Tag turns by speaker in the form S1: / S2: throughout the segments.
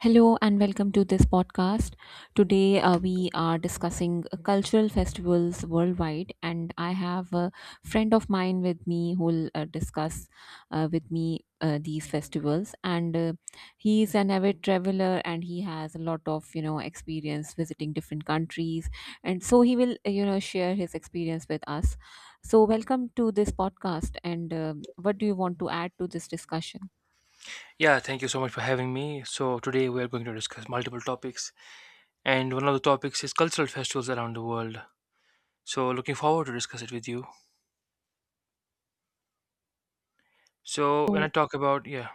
S1: Hello and welcome to this podcast. Today we are discussing cultural festivals worldwide, and I have a friend of mine with me who will discuss with me these festivals. And he is an avid traveler, and he has a lot of experience visiting different countries, and so he will share his experience with us. So welcome to this podcast, and what do you want to add to this discussion?
S2: Yeah, thank you so much for having me. So, today we are going to discuss multiple topics, and one of the topics is cultural festivals around the world. So, looking forward to discuss it with you. So,
S1: So.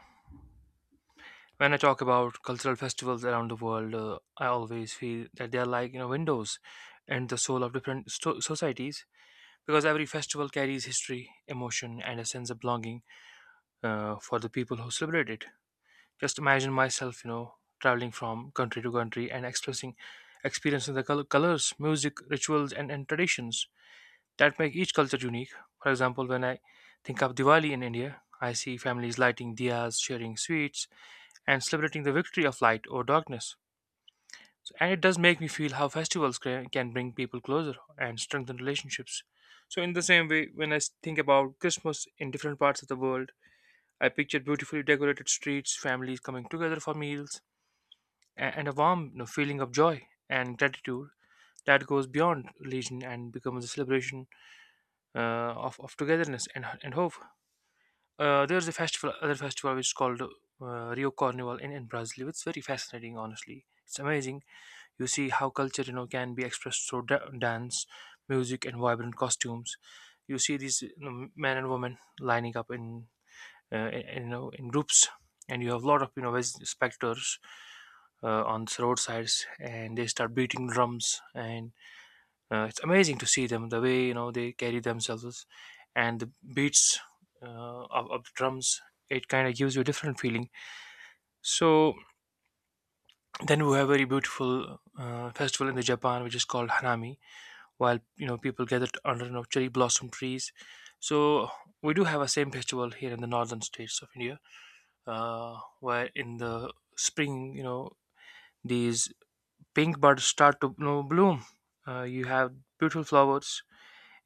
S2: when I talk about cultural festivals around the world, I always feel that they are like you know windows and the soul of different societies because every festival carries history, emotion, and a sense of belonging for the people who celebrate it. Just imagine myself, you know, traveling from country to country and experiencing the colors, music, rituals, and traditions that make each culture unique. For example, when I think of Diwali in India, I see families lighting diyas, sharing sweets, and celebrating the victory of light over darkness. And it does make me feel how festivals can bring people closer and strengthen relationships. So, in the same way, when I think about Christmas in different parts of the world, I picture beautifully decorated streets, families coming together for meals, and a warm you know, feeling of joy and gratitude that goes beyond religion and becomes a celebration uh, of togetherness and hope. There's other festival which is called Rio Carnival in Brazil. It's very fascinating, honestly. It's amazing. You see how culture, you know, can be expressed through dance, music, and vibrant costumes. You see these you know, men and women lining up in you know in groups, and you have a lot of you know spectators on the roadsides, and they start beating drums, and it's amazing to see them the way you know they carry themselves and the beats uh, of the drums. It kind of gives you a different feeling. So then we have a very beautiful festival in the Japan which is called Hanami, while you know people gather under you know, cherry blossom trees. So we do have a same festival here in the northern states of India, where in the spring you know these pink buds start to you know, bloom. You have beautiful flowers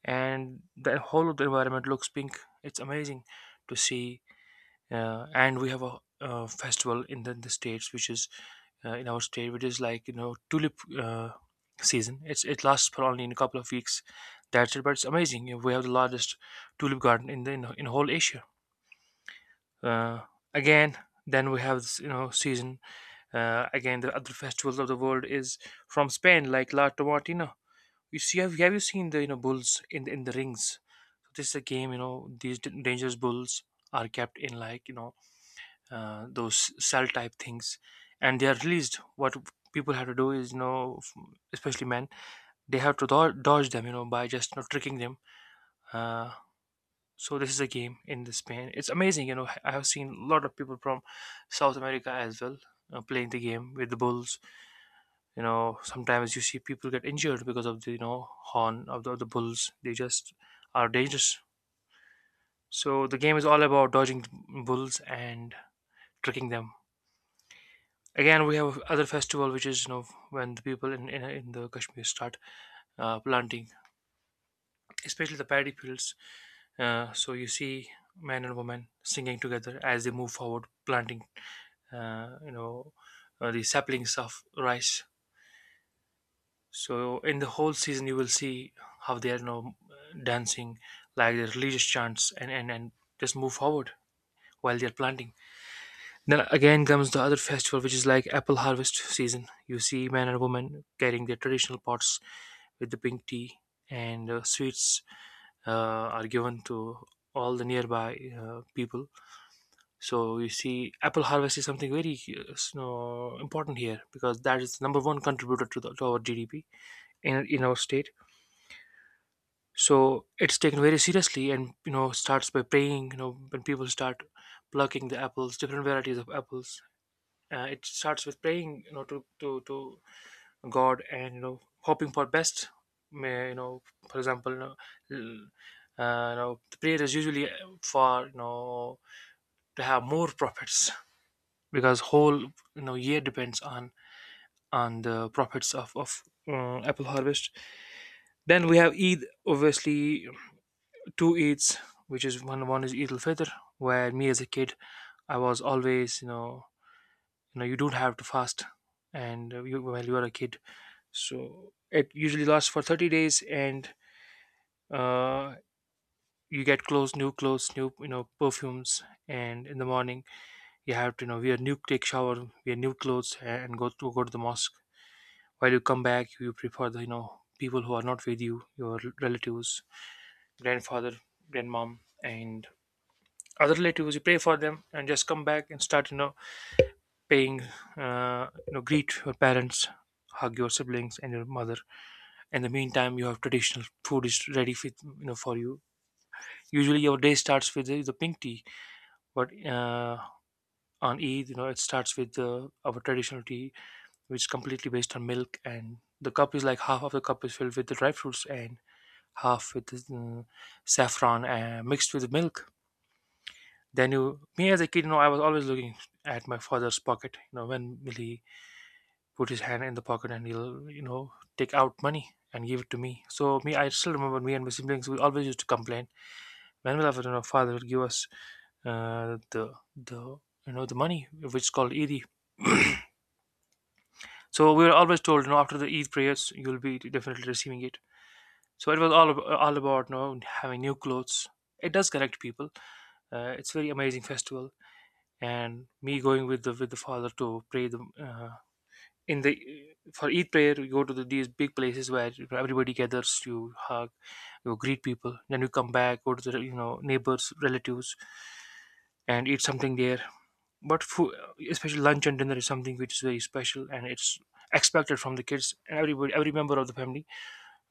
S2: and the whole of the environment looks pink. It's amazing to see. And we have a, festival in the states which is in our state, which is like you know tulip uh, season. It lasts for only in a couple of weeks, that's it. But it's amazing. You know, we have the largest tulip garden in whole Asia. Uh, again, then we have this you know season. Again, the other festivals of the world is from Spain, like La Tomatina. You see, have you seen the you know bulls in the rings? So this is a game. You know, these dangerous bulls are kept in like you know those cell type things, and they are released. What people have to do is you know, especially men, they have to dodge them. You know, by just you know, tricking them. Uh, so this is a game in the Spain. It's amazing. You know, I have seen a lot of people from South America as well playing the game with the bulls. You know, sometimes you see people get injured because of the you know horn of the bulls. They just are dangerous. So the game is all about dodging bulls and tricking them. Again, we have other festival which is you know when the people in the Kashmir start planting, especially the paddy fields. So you see men and women singing together as they move forward planting uh, you know the saplings of rice. So in the whole season, you will see how they are you know dancing, like the religious chants, and just move forward while they are planting. Then again comes the other festival, which is like apple harvest season. You see men and women carrying their traditional pots with the pink tea, and sweets uh, are given to all the nearby people. So you see, apple harvest is something very s- no, important here, because that is the number one contributor to our GDP in our state. So it's taken very seriously, and you know starts by praying you know when people start plucking the apples, different varieties of apples. It starts with praying, you know, to God, and you know hoping for best. May, you know, for example you know, l- you know the prayer is usually for you know to have more profits because whole you know year depends on the profits of apple harvest. Then we have Eid, obviously, two Eids, which is one is Eid al Fitr, where me as a kid I was always you know, you know you don't have to fast, and you, while you are a kid, so it usually lasts for 30 days, and uh, you get clothes, new you know perfumes, and in the morning you have to you know wear new, take shower, wear new clothes, and go to the mosque. While you come back, you prepare the you know people who are not with you, your relatives, grandfather, grandmom, and other relatives, you pray for them and just come back and start you know paying, you know greet your parents, hug your siblings and your mother. In the meantime, you have traditional food is ready for you know for you. Usually your day starts with the pink tea, but on Eid you know it starts with our traditional tea, which is completely based on milk, and the cup is like half of the cup is filled with the dry fruits, and half with the, saffron mixed with the milk. Then you, me as a kid, you know, I was always looking at my father's pocket. You know, when will he put his hand in the pocket, and he'll, you know, take out money and give it to me. So me, I still remember, me and my siblings, we always used to complain when will our you know, father will give us the you know the money which is called Eid. So we were always told, you know, after the Eid prayers, you'll be definitely receiving it. So it was all about you know having new clothes. It does connect people. It's very amazing festival, and me going with the father to pray the in the for Eid prayer. You go to the, these big places where everybody gathers, you hug, you greet people, then you come back, go to the you know neighbors, relatives, and eat something there. But food, especially lunch and dinner, is something which is very special, and it's expected from the kids and everybody, every member of the family,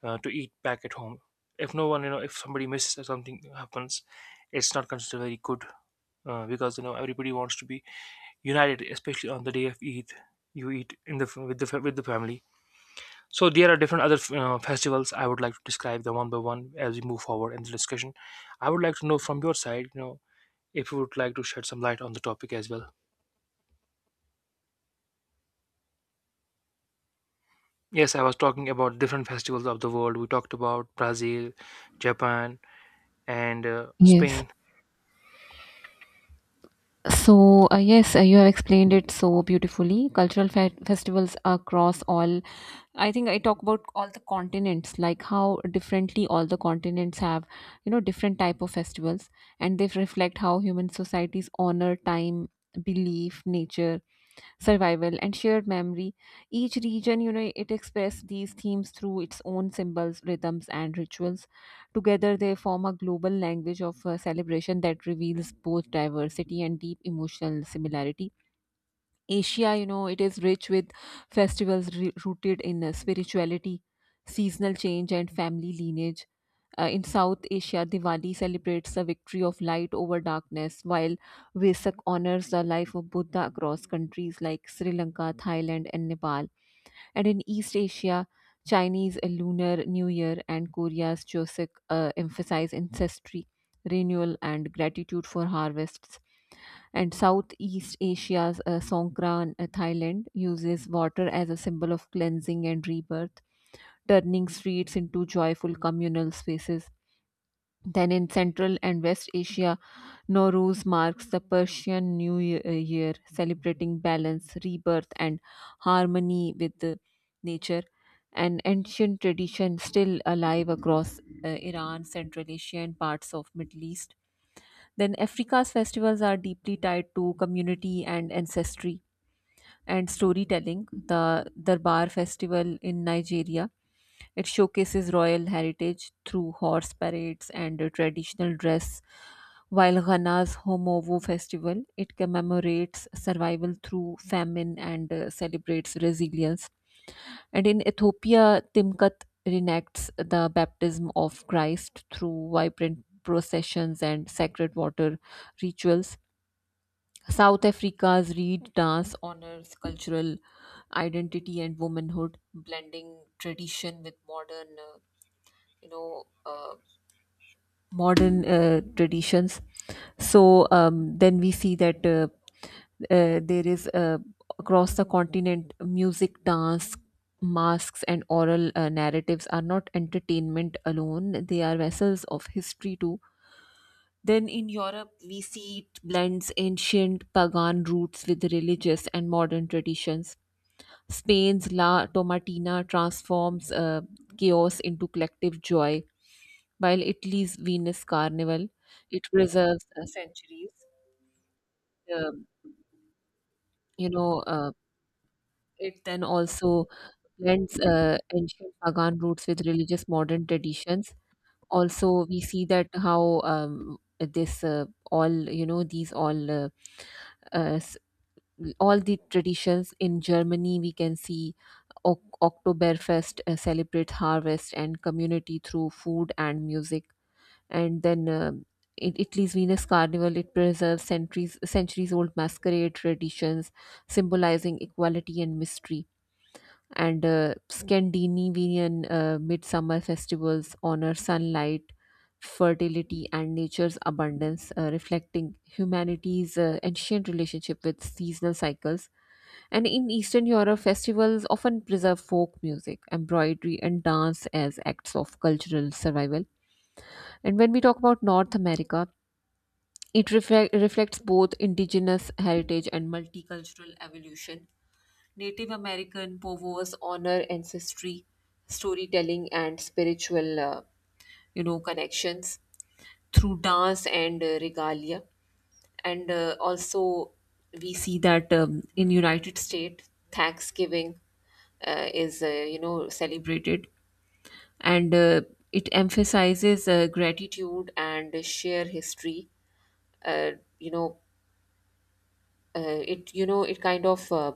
S2: to eat back at home. If no one, you know, if somebody misses or something happens, it's not considered very good, because you know everybody wants to be united, especially on the day of Eid. You eat in the with the family. So there are different other festivals. I would like to describe them one by one as we move forward in the discussion. I would like to know from your side, you know, if you would like to shed some light on the topic as well. Yes, I was talking about different festivals of the world. We talked about Brazil, Japan, and
S1: Yes.
S2: Spain.
S1: So, yes, you have explained it so beautifully. Cultural festivals across all, I think I talk about all the continents, like how differently all the continents have, different type of festivals, and they reflect how human societies honor time, belief, nature, survival, and shared memory. Each region, it expressed these themes through its own symbols, rhythms, and rituals. Together they form a global language of celebration that reveals both diversity and deep emotional similarity. Asia, it is rich with festivals rooted in spirituality, seasonal change, and family lineage. In South Asia, Diwali celebrates the victory of light over darkness, while Vesak honors the life of Buddha across countries like Sri Lanka, Thailand, and Nepal. And in East Asia, Chinese Lunar New Year and Korea's Joseon emphasize ancestry, renewal, and gratitude for harvests. And Southeast Asia's Songkran, Thailand, uses water as a symbol of cleansing and rebirth, turning streets into joyful communal spaces. Then in Central and West Asia, Nowruz marks the Persian New Year, celebrating balance, rebirth, and harmony with nature. An ancient tradition still alive across Iran, Central Asia, and parts of Middle East. Then Africa's festivals are deeply tied to community and ancestry and storytelling. The Darbar festival in Nigeria, it showcases royal heritage through horse parades and a traditional dress. While Ghana's Homovo festival, it commemorates survival through famine and celebrates resilience. And in Ethiopia, Timkat reenacts the baptism of Christ through vibrant processions and sacred water rituals. South Africa's reed dance honors cultural identity and womanhood, blending tradition with uh, you know, uh, modern traditions. So, then we see that there is, across the continent, music, dance, masks, and oral narratives are not entertainment alone; they are vessels of history too. Then in Europe, we see it blends ancient pagan roots with religious and modern traditions. Spain's La Tomatina transforms chaos into collective joy, while Italy's Venus Carnival, it preserves centuries. Um, you know, uh, it then also blends ancient pagan roots with religious modern traditions. Also, we see that how this all you know these uh, all the traditions in Germany, we can see Oktoberfest celebrates harvest and community through food and music. And then in Italy's Venus Carnival, it preserves centuries old masquerade traditions, symbolizing equality and mystery. And Scandinavian midsummer festivals honor sunlight, fertility, and nature's abundance, reflecting humanity's ancient relationship with seasonal cycles. And in Eastern Europe, festivals often preserve folk music, embroidery, and dance as acts of cultural survival. And when we talk about North America, it reflects both indigenous heritage and multicultural evolution. Native American povos honor ancestry, storytelling, and spiritual, connections through dance and regalia. And also, we see that in United States, Thanksgiving is, celebrated, and it emphasizes gratitude and share history. Uh, you know uh, it you know it kind of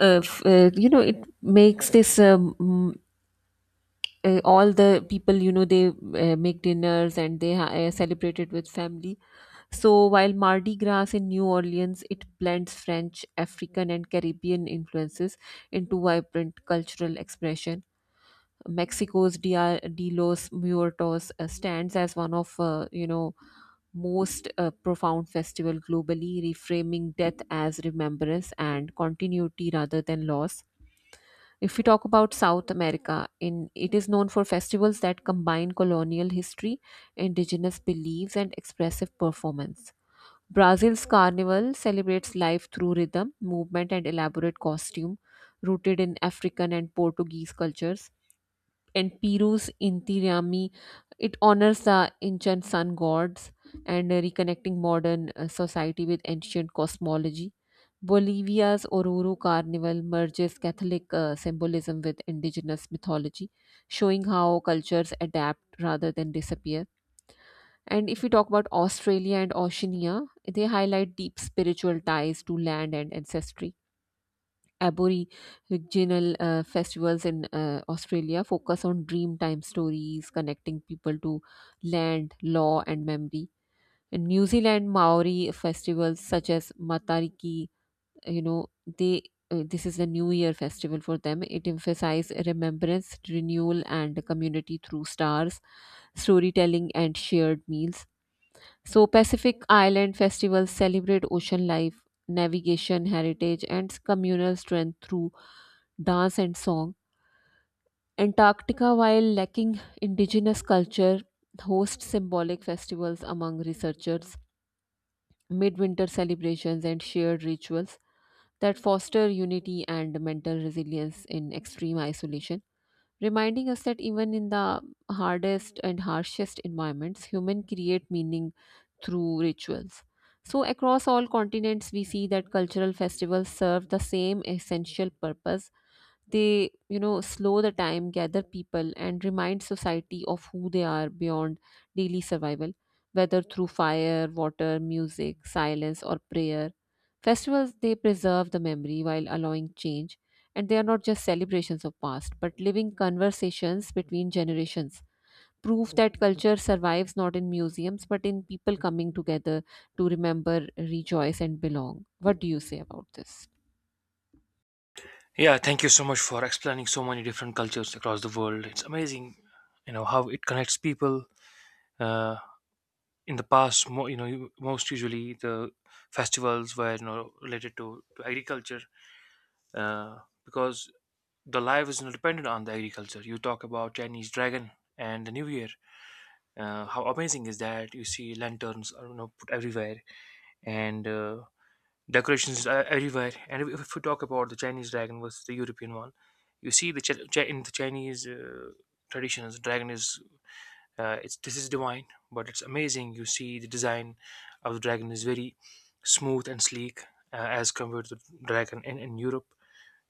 S1: f- you know it makes this, all the people, they make dinners, and they celebrate it with family. So while Mardi Gras in New Orleans, it blends French, African, and Caribbean influences into vibrant cultural expression. Mexico's Dia de los Muertos stands as one of, most profound festival globally, reframing death as remembrance and continuity rather than loss. If we talk about South America, in it is known for festivals that combine colonial history, indigenous beliefs, and expressive performance. Brazil's carnival celebrates life through rhythm, movement, and elaborate costume, rooted in African and Portuguese cultures. And Piru's Intirami, it honors the ancient sun gods and reconnecting modern society with ancient cosmology. Bolivia's Oruro Carnival merges Catholic symbolism with indigenous mythology, showing how cultures adapt rather than disappear. And if we talk about Australia and Oceania, they highlight deep spiritual ties to land and ancestry. Aboriginal festivals in Australia focus on dreamtime stories connecting people to land, law, and memory. In New Zealand, Maori festivals such as Matariki, you know, they this is the New Year festival for them. It emphasizes remembrance, renewal, and community through stars, storytelling, and shared meals. So, Pacific Island festivals celebrate ocean life, navigation, heritage, and communal strength through dance and song. Antarctica, while lacking indigenous culture, hosts symbolic festivals among researchers, midwinter celebrations, and shared rituals that foster unity and mental resilience in extreme isolation, reminding us that even in the hardest and harshest environments, humans create meaning through rituals. So, across all continents, we see that cultural festivals serve the same essential purpose. They, you know, slow the time, gather people, and remind society of who they are beyond daily survival, whether through fire, water, music, silence, or prayer. Festivals, they preserve the memory while allowing change, and they are not just celebrations of past, but living conversations between generations. Proof that culture survives not in museums, but in people coming together to remember, rejoice, and belong. What do you say about this?
S2: Yeah, thank you so much for explaining so many different cultures across the world. It's amazing, you know, how it connects people. Uh, in the past, you know, most usually the festivals were you know related to agriculture, because the life is not dependent on the agriculture. You talk about Chinese dragon and the New Year. How amazing is that? You see lanterns, you know, put everywhere, and decorations are everywhere. And if we talk about the Chinese dragon versus the European one, you see in the Chinese traditions, dragon is, it's this is divine. But it's amazing, you see the design of the dragon is very smooth and sleek, as compared to dragon in Europe.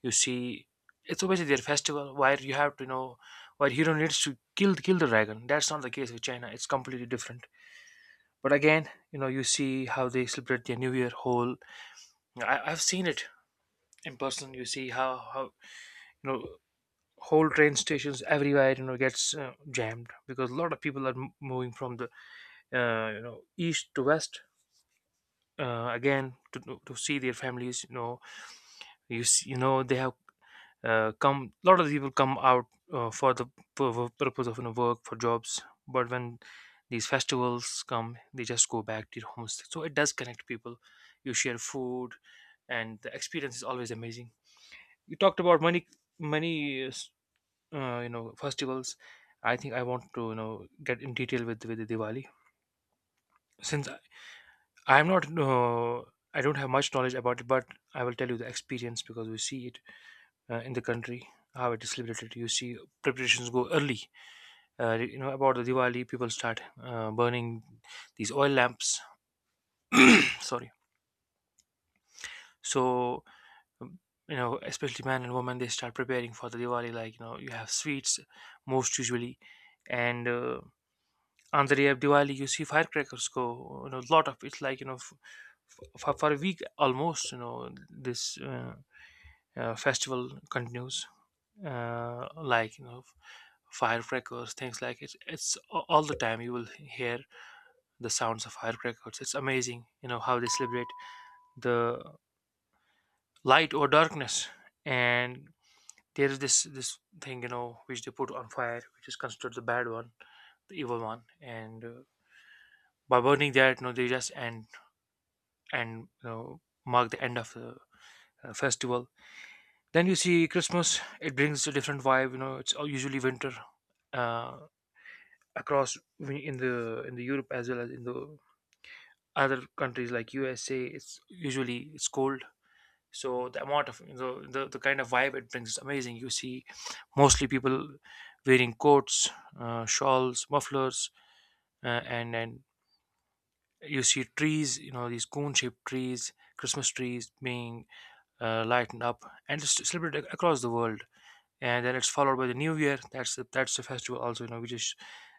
S2: You see, it's obviously their festival where you have to, where hero needs to kill the dragon. That's not the case with China, it's completely different. But again, you see how they celebrate their New Year whole. I've seen it in person. You see how you know whole train stations everywhere, gets jammed because a lot of people are moving from the, east to west. Again, to see their families. You see, they have come. A lot of people come out for the purpose of, work, for jobs. But when these festivals come, they just go back to their homes. So it does connect people, you share food, and the experience is always amazing. You talked about many festivals. I think I want to, get in detail with the Diwali, since I'm not. I don't have much knowledge about it, but I will tell you the experience because we see it in the country, how it is celebrated. You see preparations go early. You know about the Diwali, people start burning these oil lamps. Sorry. So, um, especially man and woman, they start preparing for the Diwali. Like, you have sweets most usually, and on the day of Diwali, you see firecrackers go. Lot of it's like, for a week almost, this festival continues, uh, like you know f- firecrackers, things, like it's all the time you will hear the sounds of firecrackers. It's amazing, how they celebrate the light or darkness. And there is this thing, which they put on fire, which is considered the bad one, the evil one. And by burning that, they just end and, mark the end of the festival. Then you see Christmas, it brings a different vibe. It's all usually winter, uh, across in the Europe, as well as in the other countries like USA. It's usually, it's cold, so the amount of, the kind of vibe it brings is amazing. You see, mostly people wearing coats, shawls, mufflers, and you see trees. You know these cone-shaped trees, Christmas trees being lightened up, and it's celebrated across the world. And then it's followed by the New Year. That's the festival also, which is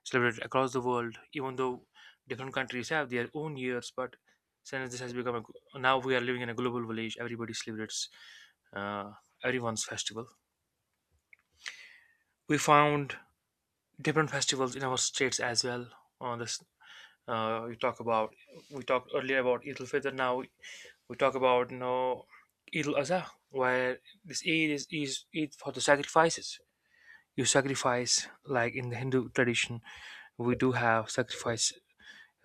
S2: celebrated across the world. Even though different countries have their own years, but since this has become a, now we are living in a global village, everybody celebrates uh, everyone's festival. We found different festivals in our states as well. On this, uh, we talk about we talked earlier about Eid al Fitr. Now we talk about, Eid al Adha, where this Eid is Eid for the sacrifices. You sacrifice like in the Hindu tradition, we do have sacrifice,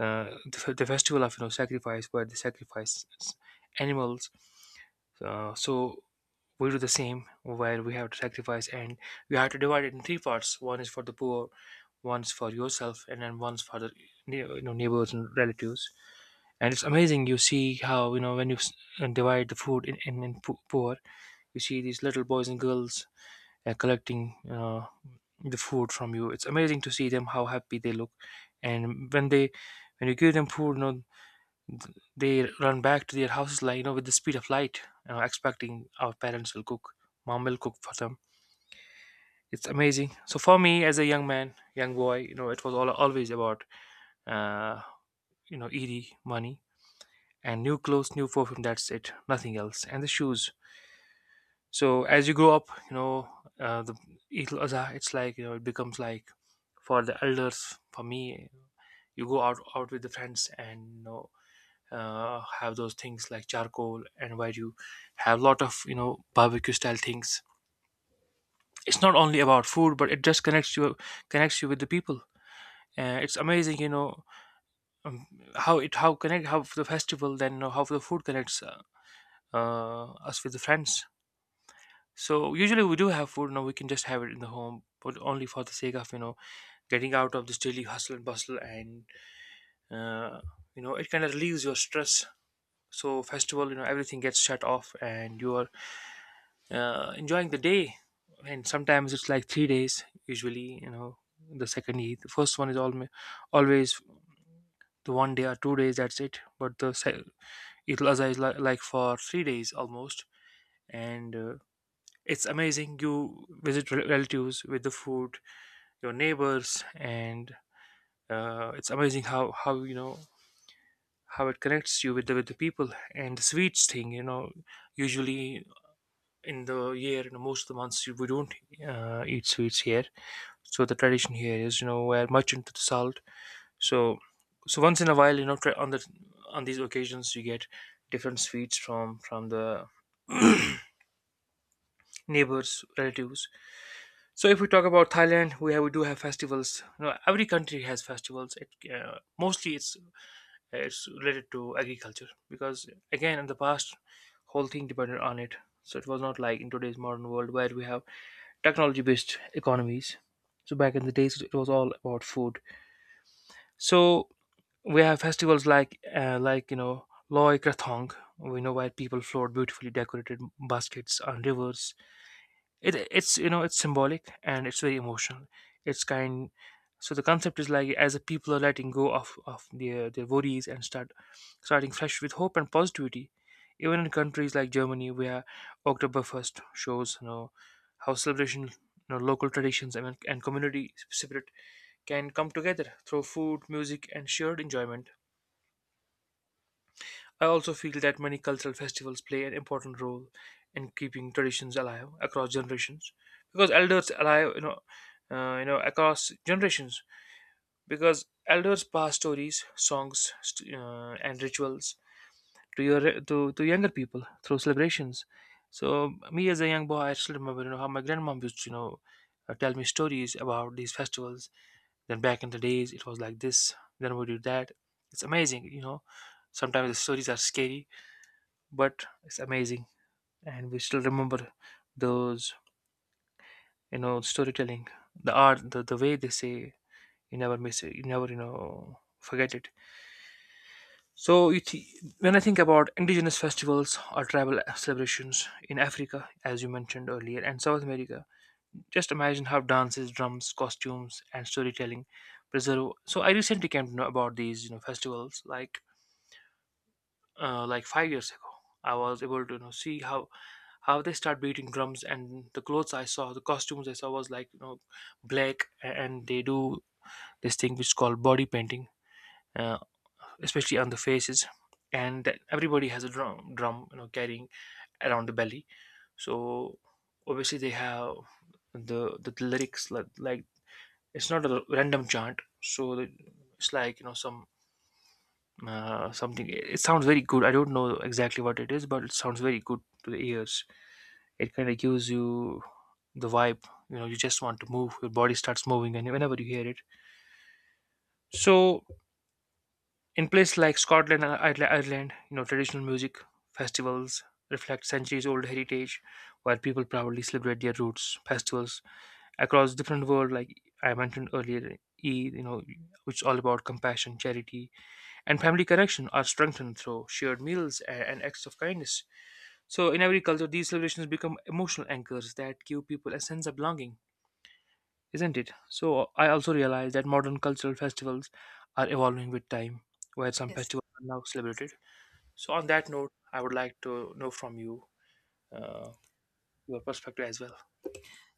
S2: uh, the festival of, sacrifice, where they sacrifice animals, so we do the same, where we have to sacrifice and we have to divide it in three parts. One is for the poor, one's for yourself, and then one's for the neighbors and relatives. And it's amazing, you see how, when you divide the food in poor. You see these little boys and girls, collecting the food from you. It's amazing to see them how happy they look, and when you give them food, they run back to their houses, like, with the speed of light, expecting our parents will cook, mom will cook for them. It's amazing. So for me, as a young man, young boy, it was all always about, uh, easy money, and new clothes, new perfume. That's it, nothing else, and the shoes. So as you grow up, the Eid al Adha, it's like, it becomes like for the elders, for me, you go out with the friends, and, have those things like charcoal, and where you have a lot of, barbecue style things. It's not only about food, but it just connects you with the people. It's amazing, um, how it, how connect, how the festival, then, how the food connects, us with the friends. So usually we do have food, you we can just have it in the home, but only for the sake of, getting out of this daily hustle and bustle, and uh, it kind of relieves your stress. So festival, everything gets shut off and you are, enjoying the day. And sometimes it's like 3 days usually. The second Eid, the first one is always the one day or 2 days, that's it. But the Eid al-Azha is like for 3 days almost. And it's amazing, you visit relatives with the food, your neighbors. And it's amazing how, how it connects you with the people. And the sweets thing, usually in the year, most of the months we don't eat sweets here. So the tradition here is, we're much into the salt. So, so, once in a while, try on these occasions you get different sweets from the neighbors, relatives. So if we talk about Thailand, we do have festivals. Every country has festivals. It, mostly it's related to agriculture, because again in the past, whole thing depended on it. So it was not like in today's modern world where we have technology based economies. So back in the days it was all about food. So we have festivals like, Loy Krathong. We know where people float beautifully decorated baskets on rivers. It's, it's symbolic, and it's very emotional. It's kind So the concept is like, as the people are letting go of their worries, and starting fresh with hope and positivity. Even in countries like Germany, where Oktoberfest shows, how celebration, local traditions, and community spirit can come together through food, music, and shared enjoyment. I also feel that many cultural festivals play an important role in keeping traditions alive across generations, because elders alive, across generations, because elders pass stories, songs, and rituals to to younger people through celebrations. So me as a young boy, I still remember, how my grandmom used to, tell me stories about these festivals. Then back in the days, it was like this. Then we did that. It's amazing. Sometimes the stories are scary, but it's amazing, and we still remember those, storytelling, the art, the way they say, you never miss it, you never, forget it. So, when I think about indigenous festivals or tribal celebrations in Africa, as you mentioned earlier, and South America, just imagine how dances, drums, costumes and storytelling preserve. So I recently came to know about these, festivals like, like 5 years ago. I was able to, see how they start beating drums, and the clothes I saw, the costumes I saw was like, black, and they do this thing which is called body painting, uh, especially on the faces. And everybody has a drum, carrying around the belly. So obviously they have the lyrics like, it's not a random chant. It's like, some, something. It sounds very good, I don't know exactly what it is, but it sounds very good to the ears. It kind of gives you the vibe. You just want to move, your body starts moving, and whenever you hear it. So in places like Scotland and Ireland, traditional music festivals reflect centuries old heritage, while people proudly celebrate their roots. Festivals across different world, like I mentioned earlier, Eid, which is all about compassion, charity, and family connection, are strengthened through shared meals and acts of kindness. So in every culture, these celebrations become emotional anchors that give people a sense of belonging, isn't it? So I also realize that modern cultural festivals are evolving with time, where some
S1: Yes.
S2: festivals are now celebrated. So on that note, I would like to know from you, uh, your perspective as well.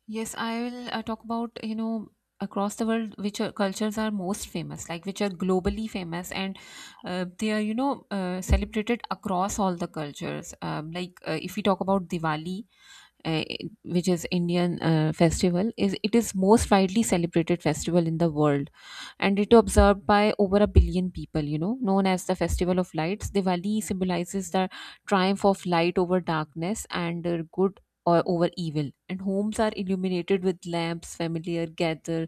S1: Yes, I will talk about, across the world which are, cultures are most famous, like which are globally famous and they are, celebrated across all the cultures. If we talk about Diwali, uh, which is Indian festival, is it is most widely celebrated festival in the world, and it observed by over a billion people, known as the festival of lights. Diwali symbolizes the triumph of light over darkness and good or over evil, and homes are illuminated with lamps, familiar gather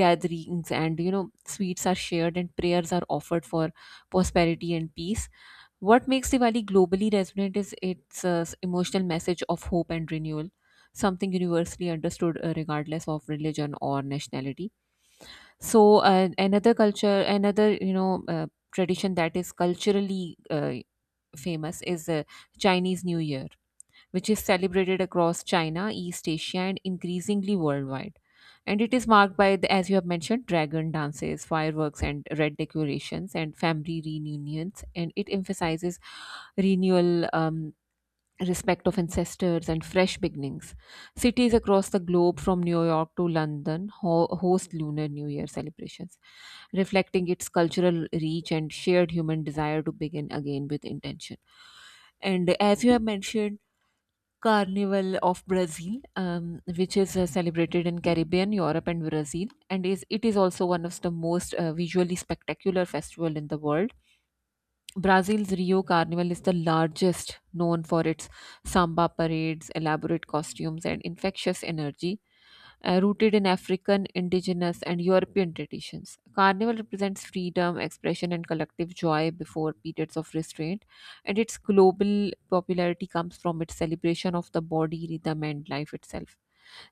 S1: gatherings and sweets are shared, and prayers are offered for prosperity and peace. What makes Diwali globally resonant is its emotional message of hope and renewal, something universally understood regardless of religion or nationality. So, another culture, another tradition that is culturally famous is Chinese New Year, which is celebrated across China, East Asia, and increasingly worldwide. And it is marked by, the, as you have mentioned, dragon dances, fireworks, and red decorations, and family reunions. And it emphasizes renewal, respect of ancestors and fresh beginnings. Cities across the globe, from New York to London, host Lunar New Year celebrations, reflecting its cultural reach and shared human desire to begin again with intention. And as you have mentioned, Carnival of Brazil, which is celebrated in Caribbean, Europe, and Brazil, and is it is also one of the most visually spectacular festival in the world. Brazil's Rio Carnival is the largest, known for its samba parades, elaborate costumes, and infectious energy, rooted in African, indigenous, and European traditions. Carnival represents freedom, expression, and collective joy before periods of restraint, and its global popularity comes from its celebration of the body, rhythm, and life itself.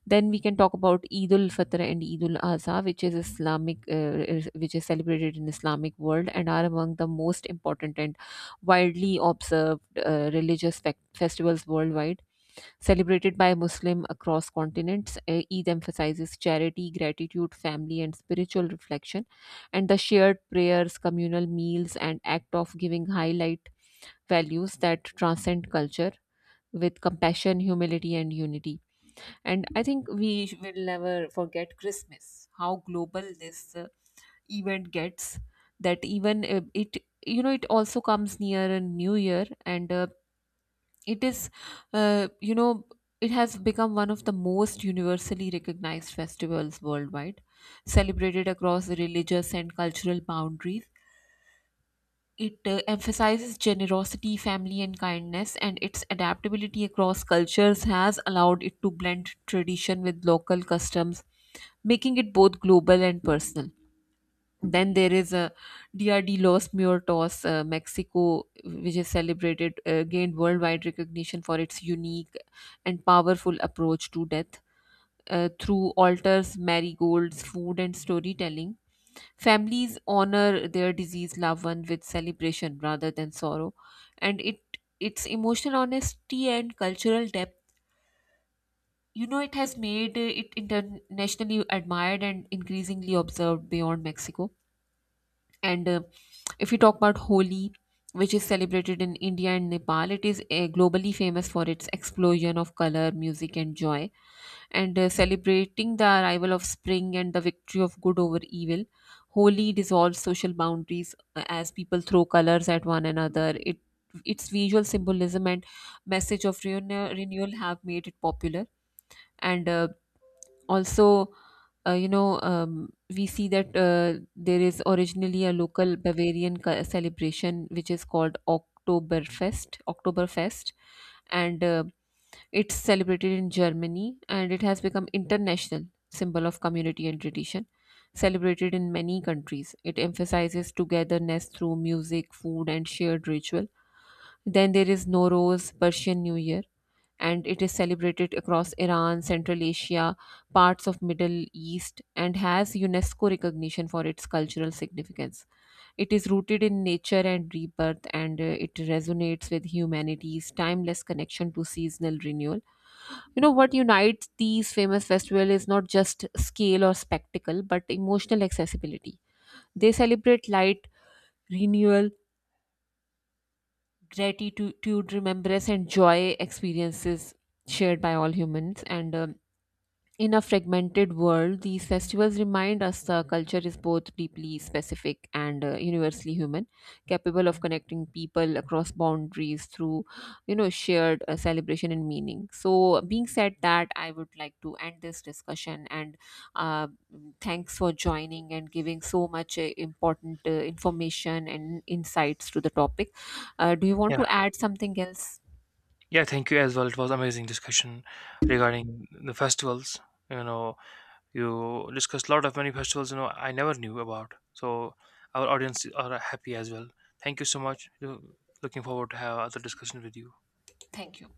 S1: Then we can talk about Eid ul Fitr and Eid ul Adha, which is Islamic, which is celebrated in Islamic world and are among the most important and widely observed religious festivals worldwide, celebrated by Muslim across continents. Eid emphasizes charity, gratitude, family, and spiritual reflection, and the shared prayers, communal meals, and act of giving highlight values that transcend culture with compassion, humility, and unity. And I think we will never forget Christmas, how global this event gets. That even it also comes near a new year, and it is, you know, it has become one of the most universally recognized festivals worldwide, celebrated across religious and cultural boundaries. It emphasizes generosity, family, and kindness, and its adaptability across cultures has allowed it to blend tradition with local customs, making it both global and personal. Then there is a DRD Los Muertos, Mexico, which is celebrated, gained worldwide recognition for its unique and powerful approach to death through altars, marigolds, food, and storytelling. Families honor their deceased loved one with celebration rather than sorrow, and it its emotional honesty and cultural depth, it has made it internationally admired and increasingly observed beyond Mexico. And if you talk about Holi, which is celebrated in India and Nepal, it is globally famous for its explosion of color, music, and joy, and celebrating the arrival of spring and the victory of good over evil. Holi dissolves social boundaries as people throw colors at one another. It Its visual symbolism and message of renewal have made it popular, and also, we see that there is originally a local Bavarian celebration which is called Oktoberfest. Oktoberfest, and it's celebrated in Germany, and it has become international symbol of community and tradition. Celebrated in many countries, it emphasizes togetherness through music, food, and shared ritual. Then there is Nowruz, Persian New Year, and it is celebrated across Iran, Central Asia, parts of Middle East, and has UNESCO recognition for its cultural significance. It is rooted in nature and rebirth, and it resonates with humanity's timeless connection to seasonal renewal. You know what unites these famous festivals is not just scale or spectacle, but emotional accessibility. They celebrate light, renewal, gratitude, remembrance, and joy experiences shared by all humans. And In a fragmented world, these festivals remind us the culture is both deeply specific and universally human, capable of connecting people across boundaries through, shared celebration and meaning. So, being said that, I would like to end this discussion and uh, thanks for joining and giving so much important information and insights to the topic. Do you want to
S2: Yeah,
S1: add something else?
S2: yeah, thank you as well. It was amazing discussion regarding the festivals. You know, you discussed a lot of many festivals. I never knew about. So our audience are happy as well. Thank you so much. Looking forward to have other discussion with you.
S1: Thank you.